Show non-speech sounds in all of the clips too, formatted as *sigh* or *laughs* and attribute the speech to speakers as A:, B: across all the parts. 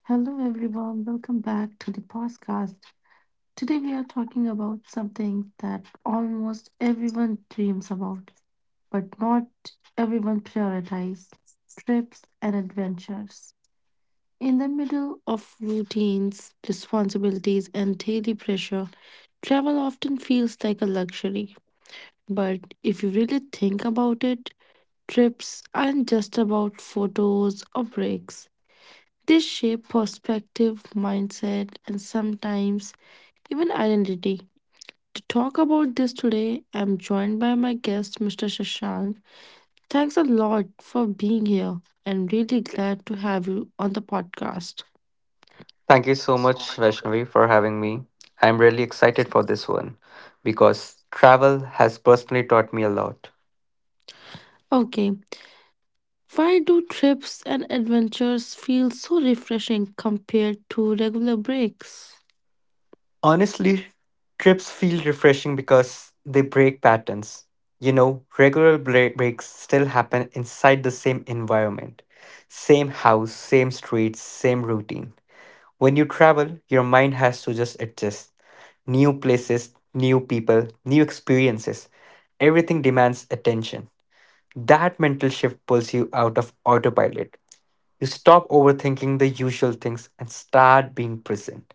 A: Hello, everyone. Welcome back to the podcast. Today, we are talking about something that almost everyone dreams about, but not everyone prioritizes trips and adventures. In the middle of routines, responsibilities, and daily pressure, travel often feels like a luxury. But if you really think about it, trips aren't just about photos or breaks. They shape perspective, mindset, and sometimes even identity. To talk about this today, I'm joined by my guest, Mr. Shashank. Thanks a lot for being here and really glad to have you on the podcast.
B: Thank you so much, Vaishnavi, for having me. I'm really excited for this one because travel has personally taught me a lot.
A: Okay, why do trips and adventures feel so refreshing compared to regular breaks?
B: Honestly, trips feel refreshing because they break patterns. You know, regular breaks still happen inside the same environment, same house, same streets, same routine. When you travel, your mind has to just adjust. New places, new people, new experiences. Everything demands attention. That mental shift pulls you out of autopilot. You stop overthinking the usual things and start being present.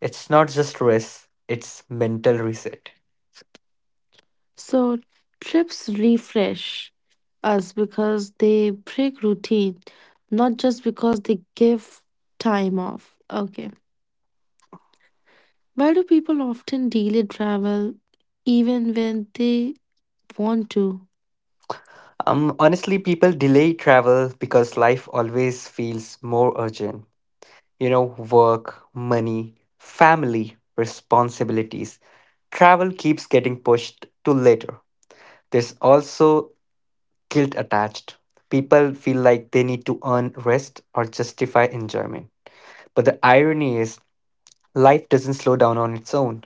B: It's not just rest, it's mental reset.
A: So trips refresh us because they break routine, not just because they give time off. Okay. Why do people often delay travel even when they want to?
B: Honestly, people delay travel because life always feels more urgent. You know, work, money, family, responsibilities. Travel keeps getting pushed to later. There's also guilt attached. People feel like they need to earn rest or justify enjoyment. But the irony is, life doesn't slow down on its own.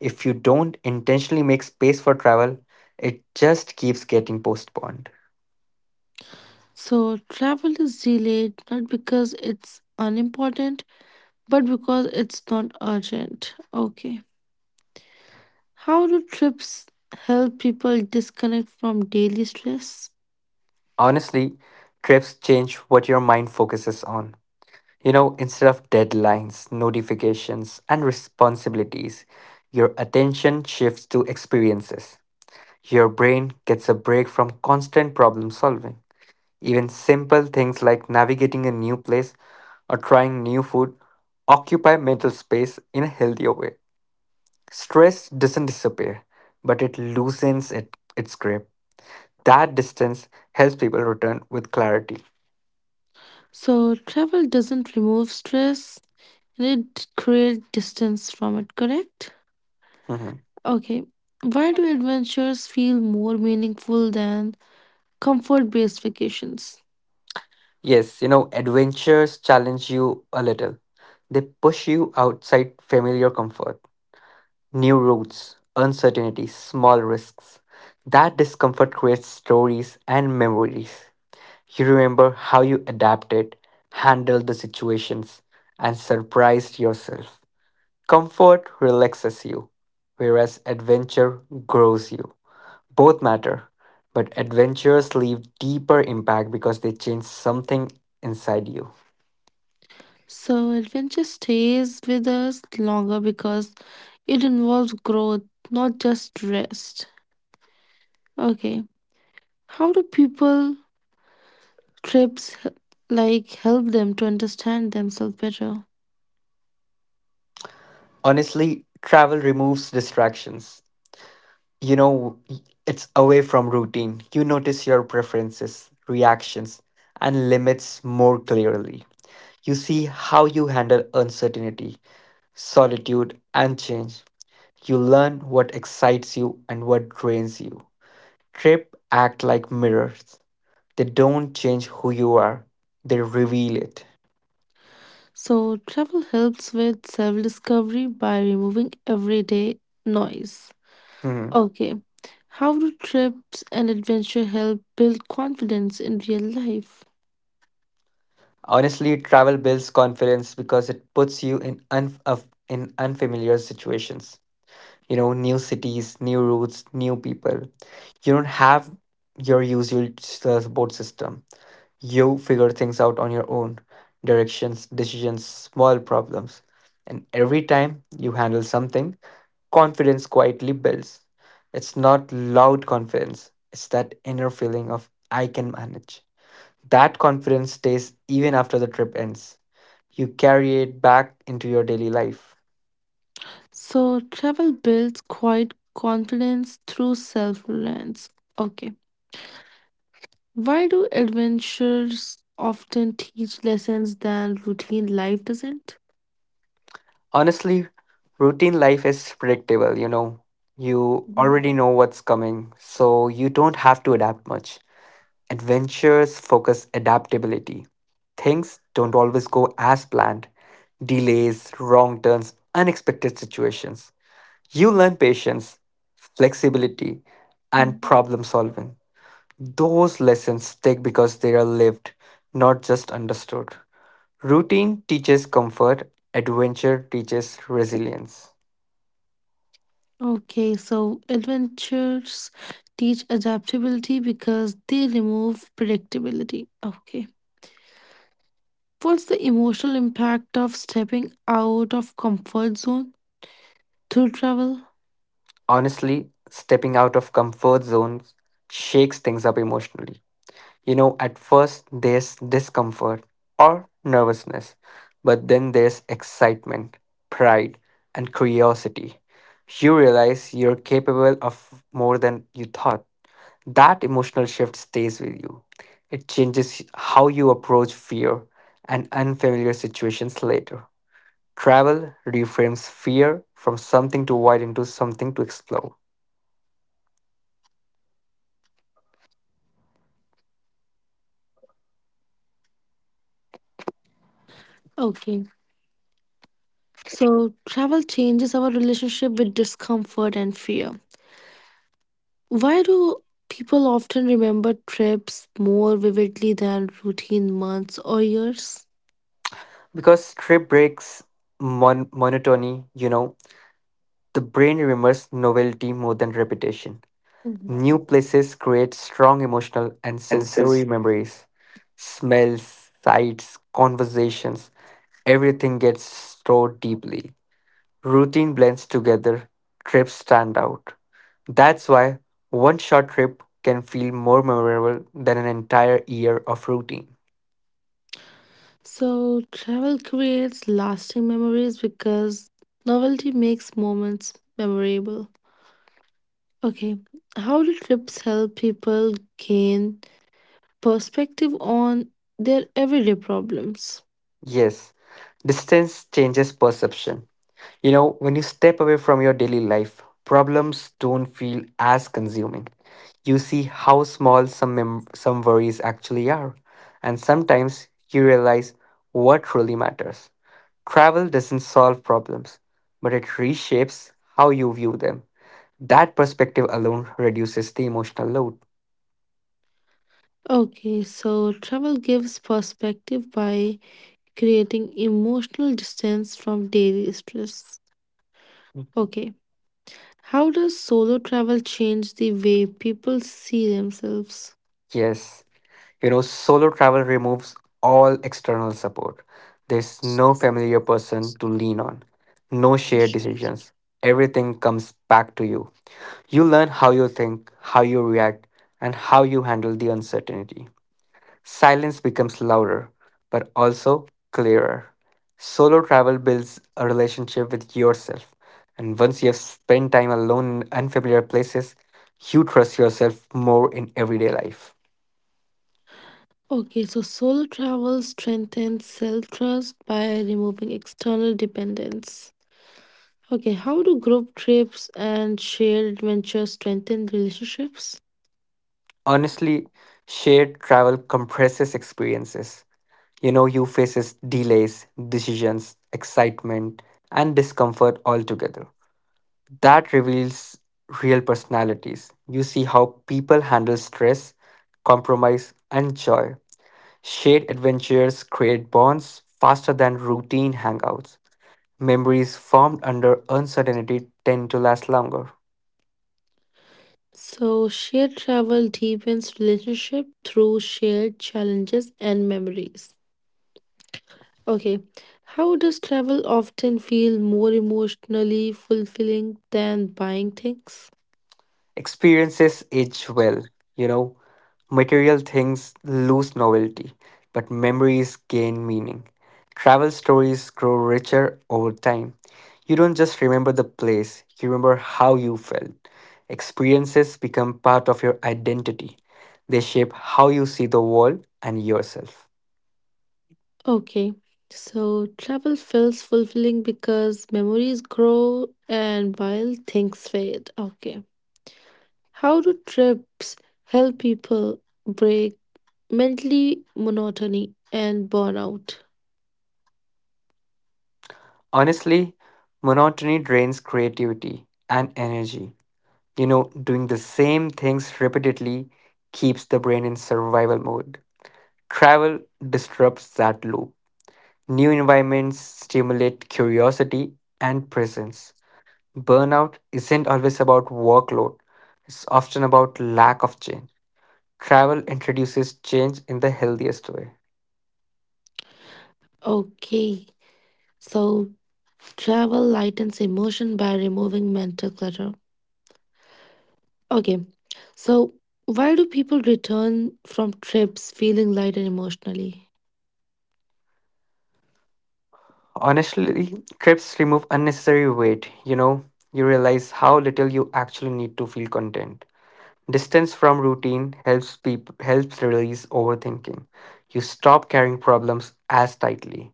B: If you don't intentionally make space for travel, it just keeps getting postponed.
A: So travel is delayed not because it's unimportant, but because it's not urgent. Okay. How do trips help people disconnect from daily stress?
B: Honestly, trips change what your mind focuses on. You know, instead of deadlines, notifications, and responsibilities, your attention shifts to experiences. Your brain gets a break from constant problem solving. Even simple things like navigating a new place or trying new food occupy mental space in a healthier way. Stress doesn't disappear, but it loosens its grip. That distance helps people return with clarity.
A: So travel doesn't remove stress, and it create distance from it, correct?
B: Mhm.
A: Okay, why do adventures feel more meaningful than comfort based vacations?
B: Yes, you know, adventures challenge you a little. They push you outside familiar comfort, new routes, uncertainty, small risks. That discomfort creates stories and memories. You remember how you adapted, handled the situations, and surprised yourself. Comfort relaxes you, whereas adventure grows you. Both matter, but adventures leave deeper impact because they change something inside you.
A: So adventure stays with us longer because it involves growth, not just rest. Okay, how do people trips h- like help them to understand themselves better?
B: Honestly, travel removes distractions. You know, it's away from routine. You notice your preferences, reactions, and limits more clearly. You see how you handle uncertainty, solitude, and change. You learn what excites you and what drains you. Trip act like mirrors. They don't change who you are, they reveal it.
A: So travel helps with self discovery by removing everyday noise.
B: Hmm.
A: Okay. How do trips and adventure help build confidence in real life?
B: Honestly, travel builds confidence because it puts you in unfamiliar situations. You know, new cities, new routes, new people. You don't have your usual support system. You figure things out on your own, directions, decisions, small problems. And every time you handle something, confidence quietly builds. It's not loud confidence, it's that inner feeling of I can manage. That confidence stays even after the trip ends. You carry it back into your daily life.
A: So, travel builds quiet confidence through self reliance. Okay. Why do adventures often teach lessons than routine life doesn't?
B: Honestly, routine life is predictable, you know. You
A: Mhm.
B: already know what's coming, so you don't have to adapt much. Adventures focus adaptability. Things don't always go as planned. Delays, wrong turns, unexpected situations. You learn patience, flexibility, and
A: Mhm.
B: problem solving. Those lessons stick because they are lived, not just understood. Routine teaches comfort, adventure teaches resilience.
A: Okay, so adventures teach adaptability because they remove predictability. Okay. What's the emotional impact of stepping out of comfort zone? Through travel?
B: Honestly, stepping out of comfort zones shakes things up emotionally. You know, at first there's discomfort or nervousness, but then there's excitement, pride, and curiosity. You realize you're capable of more than you thought. That emotional shift stays with you. It changes how you approach fear and unfamiliar situations later. Travel reframes fear from something to avoid into something to explore.
A: Okay. So, travel changes our relationship with discomfort and fear. Why do people often remember trips more vividly than routine months or years?
B: Because trip breaks monotony, you know, the brain remembers novelty more than repetition.
A: Mhm.
B: New places create strong emotional and sensory memories. Smells, sights, conversations, everything gets stored deeply. Routine blends together, trips stand out. That's why one short trip can feel more memorable than an entire year of routine.
A: So, travel creates lasting memories because novelty makes moments memorable. Okay. How do trips help people gain perspective on their everyday problems?
B: Yes, distance changes perception. You know, when you step away from your daily life, problems don't feel as consuming. You see how small some worries actually are, and sometimes you realize what truly matters. Travel doesn't solve problems, but it reshapes how you view them. That perspective alone reduces the emotional load.
A: Okay, so travel gives perspective by creating emotional distance from daily stress. Okay, how does solo travel change the way people see themselves?
B: Yes. You know, solo travel removes all external support. There's no familiar person to lean on, no shared decisions. Everything comes back to you. You learn how you think, how you react, and how you handle the uncertainty. Silence becomes louder, but also clearer. Solo travel builds a relationship with yourself. And once you have spent time alone in unfamiliar places, you trust yourself more in everyday life.
A: Okay, so solo travel strengthens self trust by removing external dependence. Okay, how do group trips and shared adventures strengthen relationships?
B: Honestly, shared travel compresses experiences. You know, you faces delays, decisions, excitement, and discomfort all together. That reveals real personalities. You see how people handle stress, compromise, and joy. Shared adventures create bonds faster than routine hangouts. Memories formed under uncertainty tend to last longer.
A: So, shared travel deepens relationship through shared challenges and memories. Okay, how does travel often feel more emotionally fulfilling than buying things?
B: Experiences age well, you know. Material things lose novelty, but memories gain meaning. Travel stories grow richer over time. You don't just remember the place, you remember how you felt. Experiences become part of your identity. They shape how you see the world and yourself.
A: Okay, so travel feels fulfilling because memories grow and while things fade. Okay, how do trips help people break mentally monotony and burnout?
B: Honestly, monotony drains creativity and energy. You know, doing the same things repeatedly keeps the brain in survival mode. Travel disrupts that loop. New environments stimulate curiosity and presence. Burnout isn't always about workload, it's often about lack of change. Travel introduces change in the healthiest way.
A: Okay, so travel lightens emotion by removing mental clutter. Okay, so why do people return from trips feeling lighter emotionally?
B: Honestly, trips remove unnecessary weight. You know, you realize how little you actually need to feel content. Distance from routine helps release overthinking. You stop carrying problems as tightly.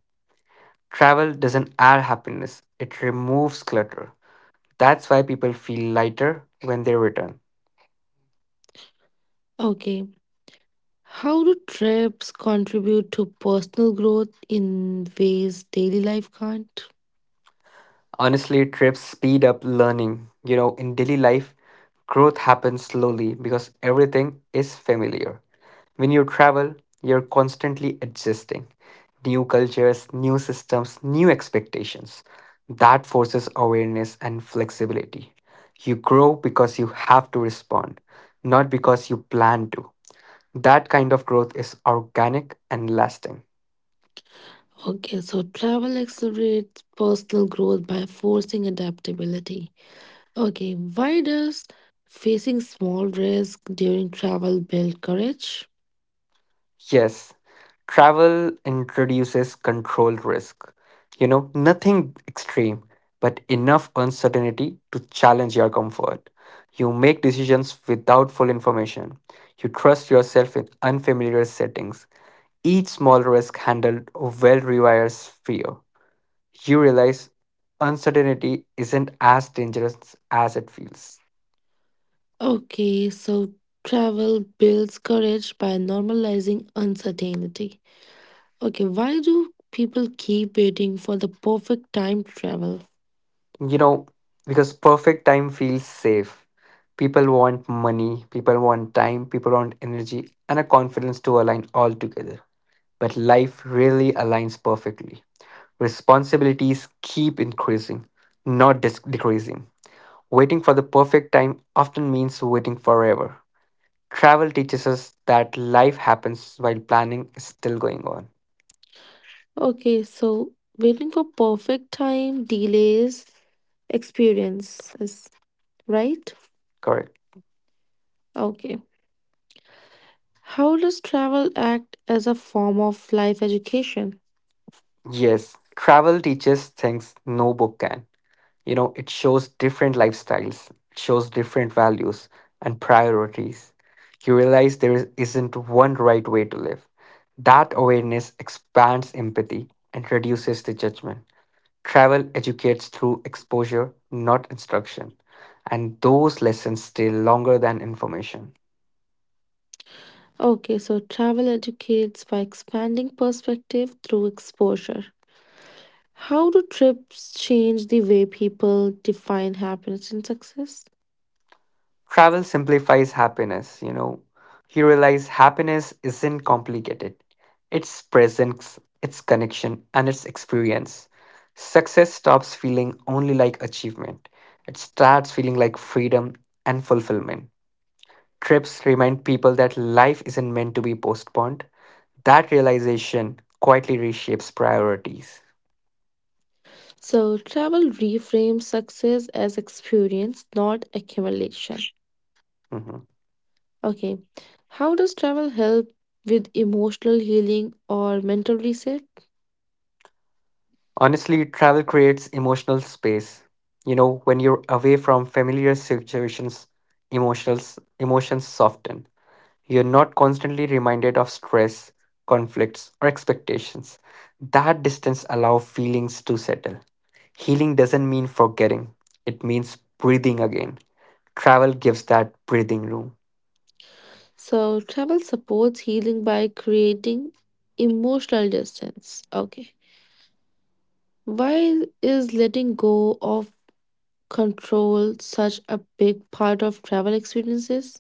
B: Travel doesn't add happiness, it removes clutter. That's why people feel lighter when they return.
A: Okay, how do trips contribute to personal growth in ways daily life can't?
B: Honestly, trips speed up learning. You know, in daily life, growth happens slowly because everything is familiar. When you travel, you're constantly adjusting. New cultures, new systems, new expectations. That forces awareness and flexibility. You grow because you have to respond, not because you plan to. That kind of growth is organic and lasting.
A: Okay, so travel accelerates personal growth by forcing adaptability. Okay, why does facing small risk during travel build courage?
B: Yes, travel introduces control risk. You know, nothing extreme, but enough uncertainty to challenge your comfort. You make decisions without full information. You trust yourself in unfamiliar settings. Each small risk handled well rewires fear. You realize uncertainty isn't as dangerous as it feels.
A: Okay, so travel builds courage by normalizing uncertainty. Okay, why do people keep waiting for the perfect time to travel?
B: You know, because perfect time feels safe. People want money, people want time, people want energy, and a confidence to align all together. But life really aligns perfectly. Responsibilities keep increasing, not decreasing. Waiting for the perfect time often means waiting forever. Travel teaches us that life happens while planning is still going on.
A: Okay, so waiting for perfect time delays experiences, right?
B: Correct.
A: Okay. How does travel act as a form of life education?
B: Yes, travel teaches things no book can. You know, it shows different lifestyles, it shows different values and priorities. You realize there isn't one right way to live. That awareness expands empathy and reduces the judgment. Travel educates through exposure, not instruction, and those lessons stay longer than information.
A: Okay, so travel educates by expanding perspective through exposure. How do trips change the way people define happiness and success?
B: Travel simplifies happiness, you know. You realize happiness isn't complicated. It's presence, it's connection, and it's experience. Success stops feeling only like achievement. It starts feeling like freedom and fulfillment. Trips remind people that life isn't meant to be postponed. That realization quietly reshapes priorities.
A: So, travel reframes success as experience, not accumulation.
B: Mhm.
A: Okay, how does travel help with emotional healing or mental reset?
B: Honestly, travel creates emotional space. You know, when you're away from familiar situations, emotions soften. You're not constantly reminded of stress, conflicts, or expectations. That distance allows feelings to settle. Healing doesn't mean forgetting. It means breathing again. Travel gives that breathing room.
A: So, travel supports healing by creating emotional distance. Okay, why is letting go of control such a big part of travel experiences?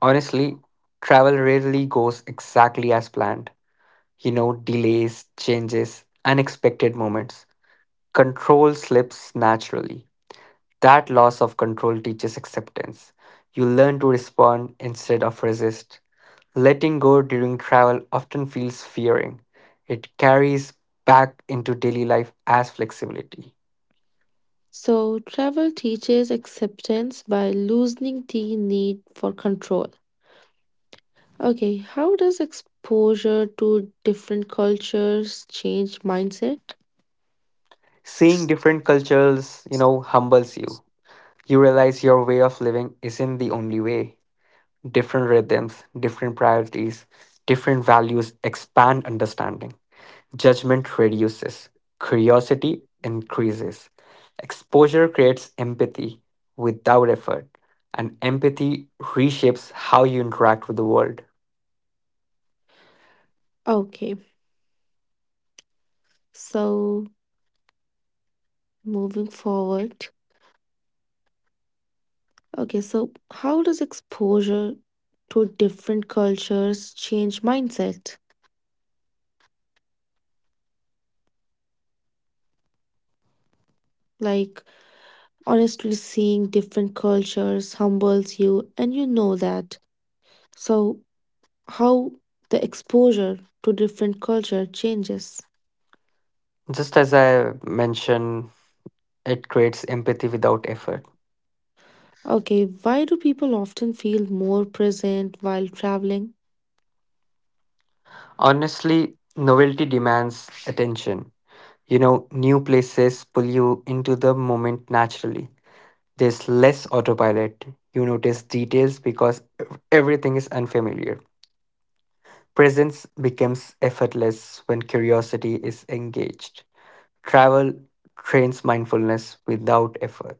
B: Honestly, travel rarely goes exactly as planned. You know, delays, changes, unexpected moments. Control slips naturally. That loss of control teaches acceptance. You learn to respond instead of resist. Letting go during travel often feels fearing. It carries back into daily life as flexibility.
A: So, travel teaches acceptance by loosening the need for control. Okay, how does exposure to different cultures change mindset?
B: Seeing different cultures, you know, humbles you. You realize your way of living isn't the only way. Different rhythms, different priorities, different values expand understanding. Judgment reduces, curiosity increases. Exposure creates empathy without effort, and empathy reshapes how you interact with the world.
A: Okay, so moving forward. Okay, so how does exposure to different cultures change mindset? Like, honestly, seeing different cultures humbles you, and you know that. So, how the exposure to different culture changes.
B: Just as I mentioned, it creates empathy without effort.
A: Okay, why do people often feel more present while traveling?
B: Honestly, novelty demands attention. You know, new places pull you into the moment naturally. There's less autopilot. You notice details because everything is unfamiliar. Presence becomes effortless when curiosity is engaged. Travel trains mindfulness without effort.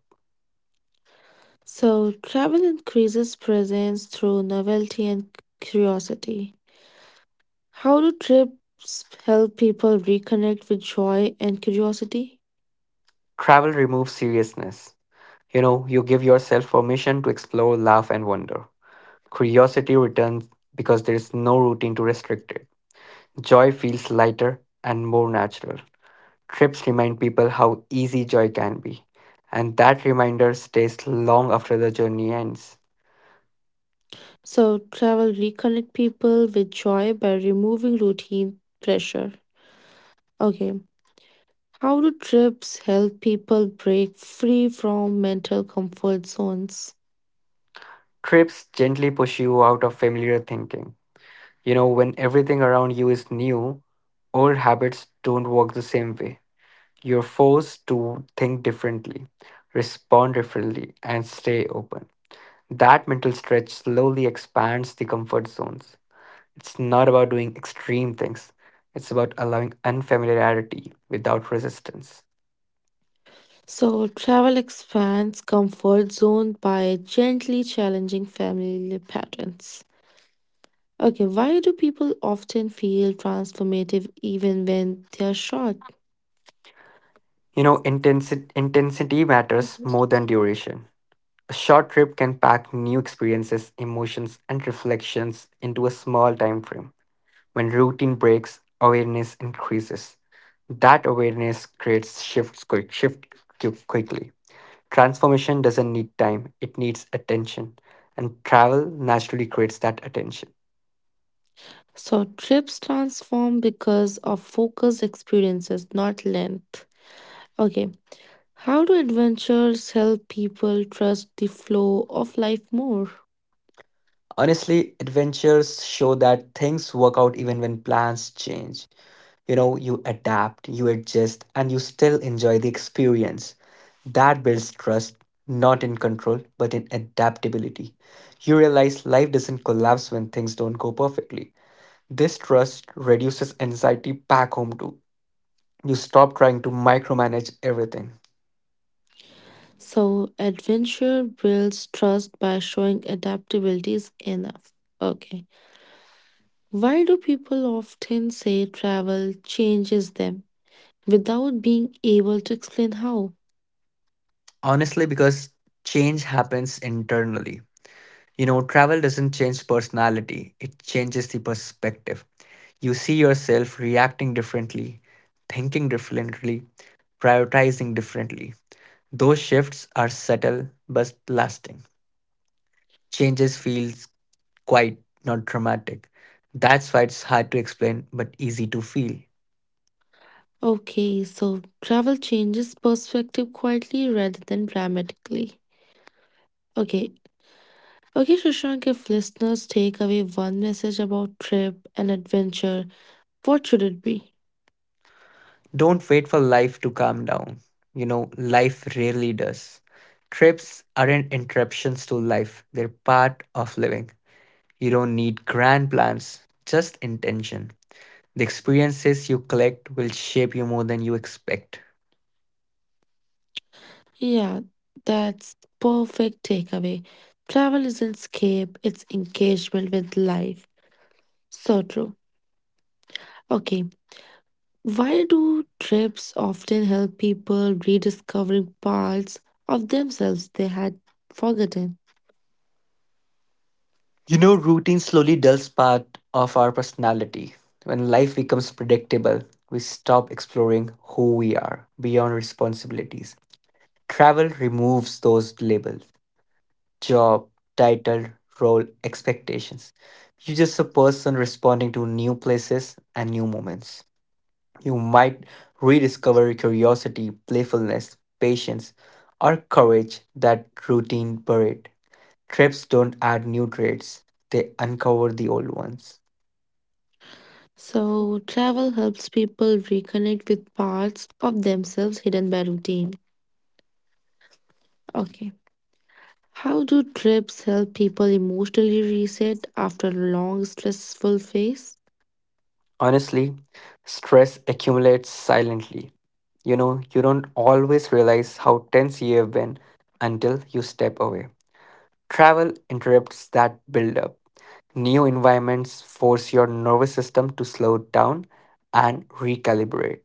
A: So, travel increases presence through novelty and curiosity. How do trips help people reconnect with joy and curiosity?
B: Travel removes seriousness. You know, you give yourself permission to explore, laugh, and wonder. Curiosity returns because there is no routine to restrict it. Joy feels lighter and more natural. Trips remind people how easy joy can be, and that reminder stays long after the journey ends.
A: So, travel reconnect people with joy by removing routine pressure. Okay, how do trips help people break free from mental comfort zones?
B: Trips gently push you out of familiar thinking. You know, when everything around you is new, old habits don't work the same way. You're forced to think differently, respond differently, and stay open. That mental stretch slowly expands the comfort zones. It's not about doing extreme things, it's about allowing unfamiliarity without resistance.
A: So, travel expands comfort zone by gently challenging family patterns. Okay, why do people often feel transformative even when they are short?
B: You know, intensity matters more than duration. A short trip can pack new experiences, emotions, and reflections into a small time frame. When routine breaks, awareness increases. That awareness creates shifts quickly. Transformation doesn't need time, it needs attention. And travel naturally creates that attention.
A: So, trips transform because of focused experiences, not length. Okay, how do adventures help people trust the flow of life more?
B: Honestly, adventures show that things work out even when plans change. You know, you adapt, you adjust, and you still enjoy the experience. That builds trust, not in control, but in adaptability. You realize life doesn't collapse when things don't go perfectly. This trust reduces anxiety back home too. You stop trying to micromanage everything.
A: So, adventure builds trust by showing adaptability is enough. Okay. Why do people often say travel changes them without being able to explain how?
B: Honestly, because change happens internally. You know, travel doesn't change personality, it changes the perspective. You see yourself reacting differently, thinking differently, prioritizing differently. Those shifts are subtle but lasting. Changes feels quite not dramatic. That's why it's hard to explain but easy to feel.
A: Okay, so travel changes perspective quietly rather than dramatically. Okay. Okay, Shashank, if listeners take away one message about trip and adventure, what should it be?
B: Don't wait for life to calm down. You know, life rarely does. Trips aren't interruptions to life, they're part of living. You don't need grand plans, just intention. The experiences you collect will shape you more than you expect.
A: Yeah, that's perfect takeaway. Travel isn't escape, it's engagement with life. So true. Okay, why do trips often help people rediscovering parts of themselves they had forgotten?
B: You know, routine slowly dulls part of our personality. When life becomes predictable, we stop exploring who we are beyond responsibilities. Travel removes those labels, job, title, role, expectations. You're just a person responding to new places and new moments. You might rediscover your curiosity, playfulness, patience, or courage that routine buried. Trips don't add new traits, they uncover the old ones.
A: So, travel helps people reconnect with parts of themselves hidden by routine. Okay. How do trips help people emotionally reset after a long stressful phase?
B: Honestly, stress accumulates silently. You know, you don't always realize how tense you have been until you step away. Travel interrupts that buildup. New environments force your nervous system to slow down and recalibrate.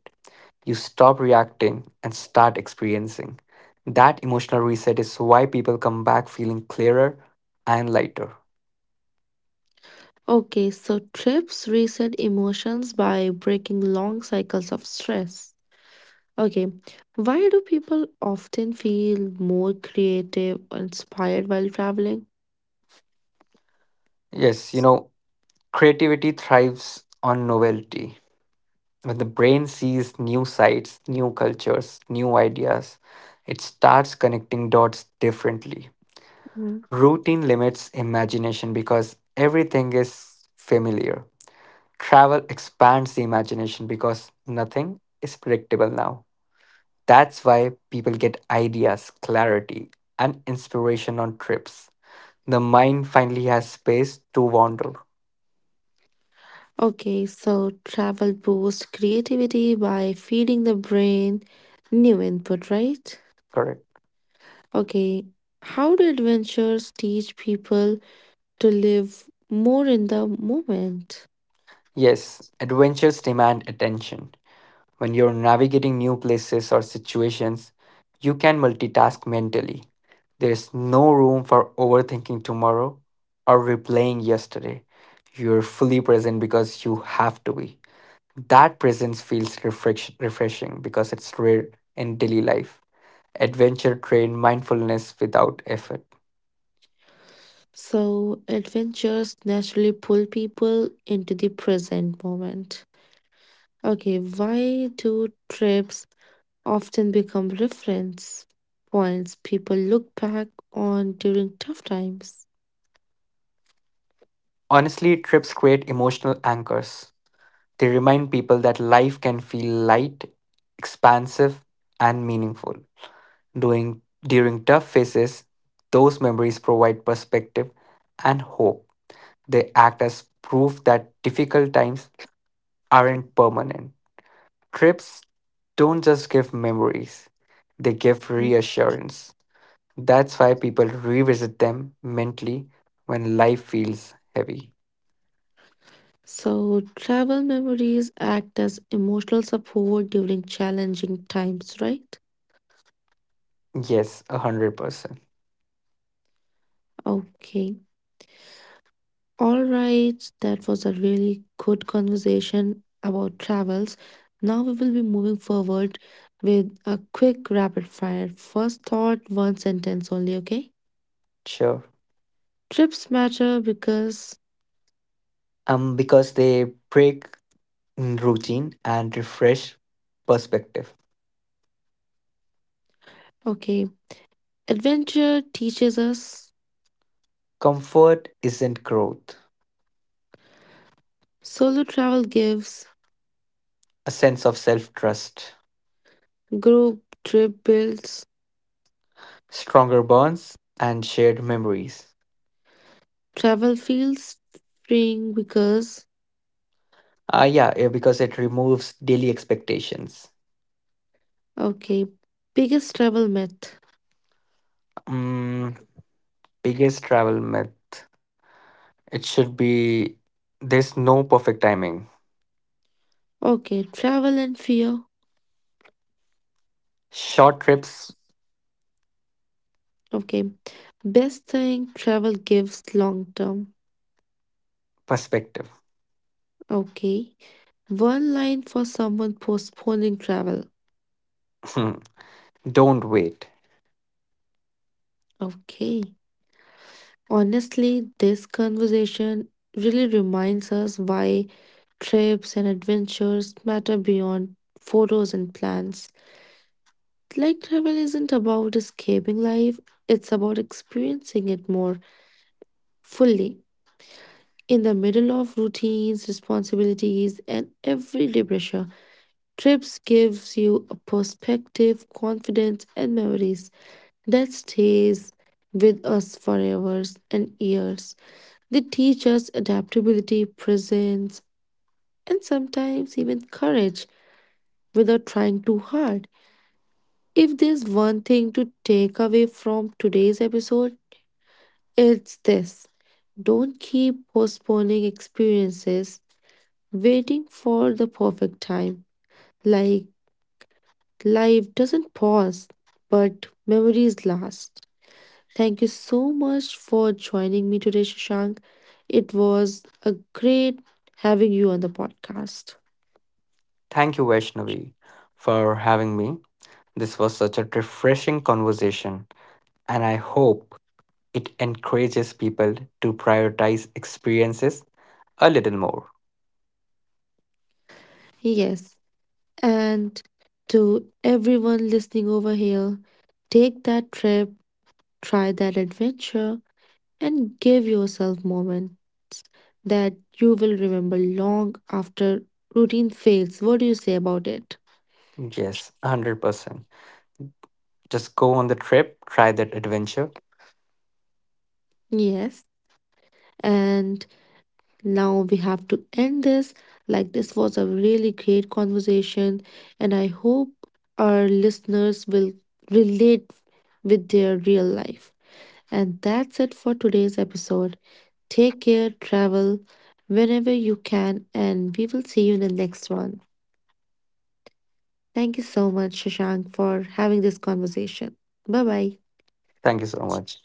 B: You stop reacting and start experiencing. That emotional reset is why people come back feeling clearer and lighter.
A: Okay, so trips reset emotions by breaking long cycles of stress. Okay, why do people often feel more creative, or inspired while traveling?
B: Yes, you know, creativity thrives on novelty. When the brain sees new sights, new cultures, new ideas, it starts connecting dots differently.
A: Mhm.
B: Routine limits imagination because everything is familiar. Travel expands the imagination because nothing is predictable now. That's why people get ideas, clarity, and inspiration on trips. The mind finally has space to wander.
A: Okay, so travel boosts creativity by feeding the brain new input, right?
B: Correct.
A: Okay, how do adventures teach people to live more in the moment?
B: Yes, adventures demand attention. When you're navigating new places or situations, you can multitask mentally. There's no room for overthinking tomorrow or replaying yesterday. You're fully present because you have to be. That presence feels refreshing because it's rare in daily life. Adventure train mindfulness without effort.
A: So, adventures naturally pull people into the present moment. Okay, why do trips often become reference points people look back on during tough times?
B: Honestly, trips create emotional anchors. They remind people that life can feel light, expansive, and meaningful. Doing, during tough phases, those memories provide perspective and hope. They act as proof that difficult times aren't permanent. Trips don't just give memories, they give
A: Hmm.
B: reassurance. That's why people revisit them mentally when life feels heavy.
A: So, travel memories act as emotional support during challenging times, right?
B: Yes, 100%.
A: Okay. All right, that was a really good conversation about travels. Now we will be moving forward with a quick rapid fire. First thought, one sentence only, okay?
B: Sure.
A: Trips matter because.
B: Because they break routine and refresh perspective.
A: Okay, adventure teaches us.
B: Comfort isn't growth,
A: Solo travel gives.
B: a sense of self trust,
A: Group trip builds.
B: stronger bonds, and shared memories.
A: Travel feels freeing because.
B: Yeah, yeah, because it removes daily expectations.
A: Okay, biggest travel myth.
B: Mm, biggest travel myth it should be there's no perfect timing.
A: Okay, travel and fear.
B: Short trips
A: Okay. Best thing travel gives long term.
B: perspective. *laughs*
A: Okay. One line for someone postponing travel.
B: Hmm. Don't wait.
A: Okay. Honestly, this conversation really reminds us why trips and adventures matter beyond photos and plans. Like travel isn't about escaping life, it's about experiencing it more fully in the middle of routines, responsibilities, and everyday pressure. Trips gives you a perspective, confidence and memories that stays with us for hours and years. They teach us adaptability, presence and sometimes even courage without trying too hard. If there's one thing to take away from today's episode, it's this. Don't keep postponing experiences, waiting for the perfect time. Like, life doesn't pause, but memories last. Thank you so much for joining me today, Shashank. It was a great having you on the podcast.
B: Thank you, Vaishnavi, for having me. This was such a refreshing conversation, and I hope it encourages people to prioritize experiences a little more.
A: Yes, and to everyone listening over here, take that trip, try that adventure, and give yourself moment that you will remember long after routine fails. What do you say about it?
B: Yes, 100%. Just go on the trip, try that adventure.
A: Yes, and now we have to end this. Like, this was a really great conversation, and I hope our listeners will relate with their real life. And that's it for today's episode. Take care, travel whenever you can, and we will see you in the next one. Thank you so much, Shashank, for having this conversation. Bye bye.
B: Thank you so much.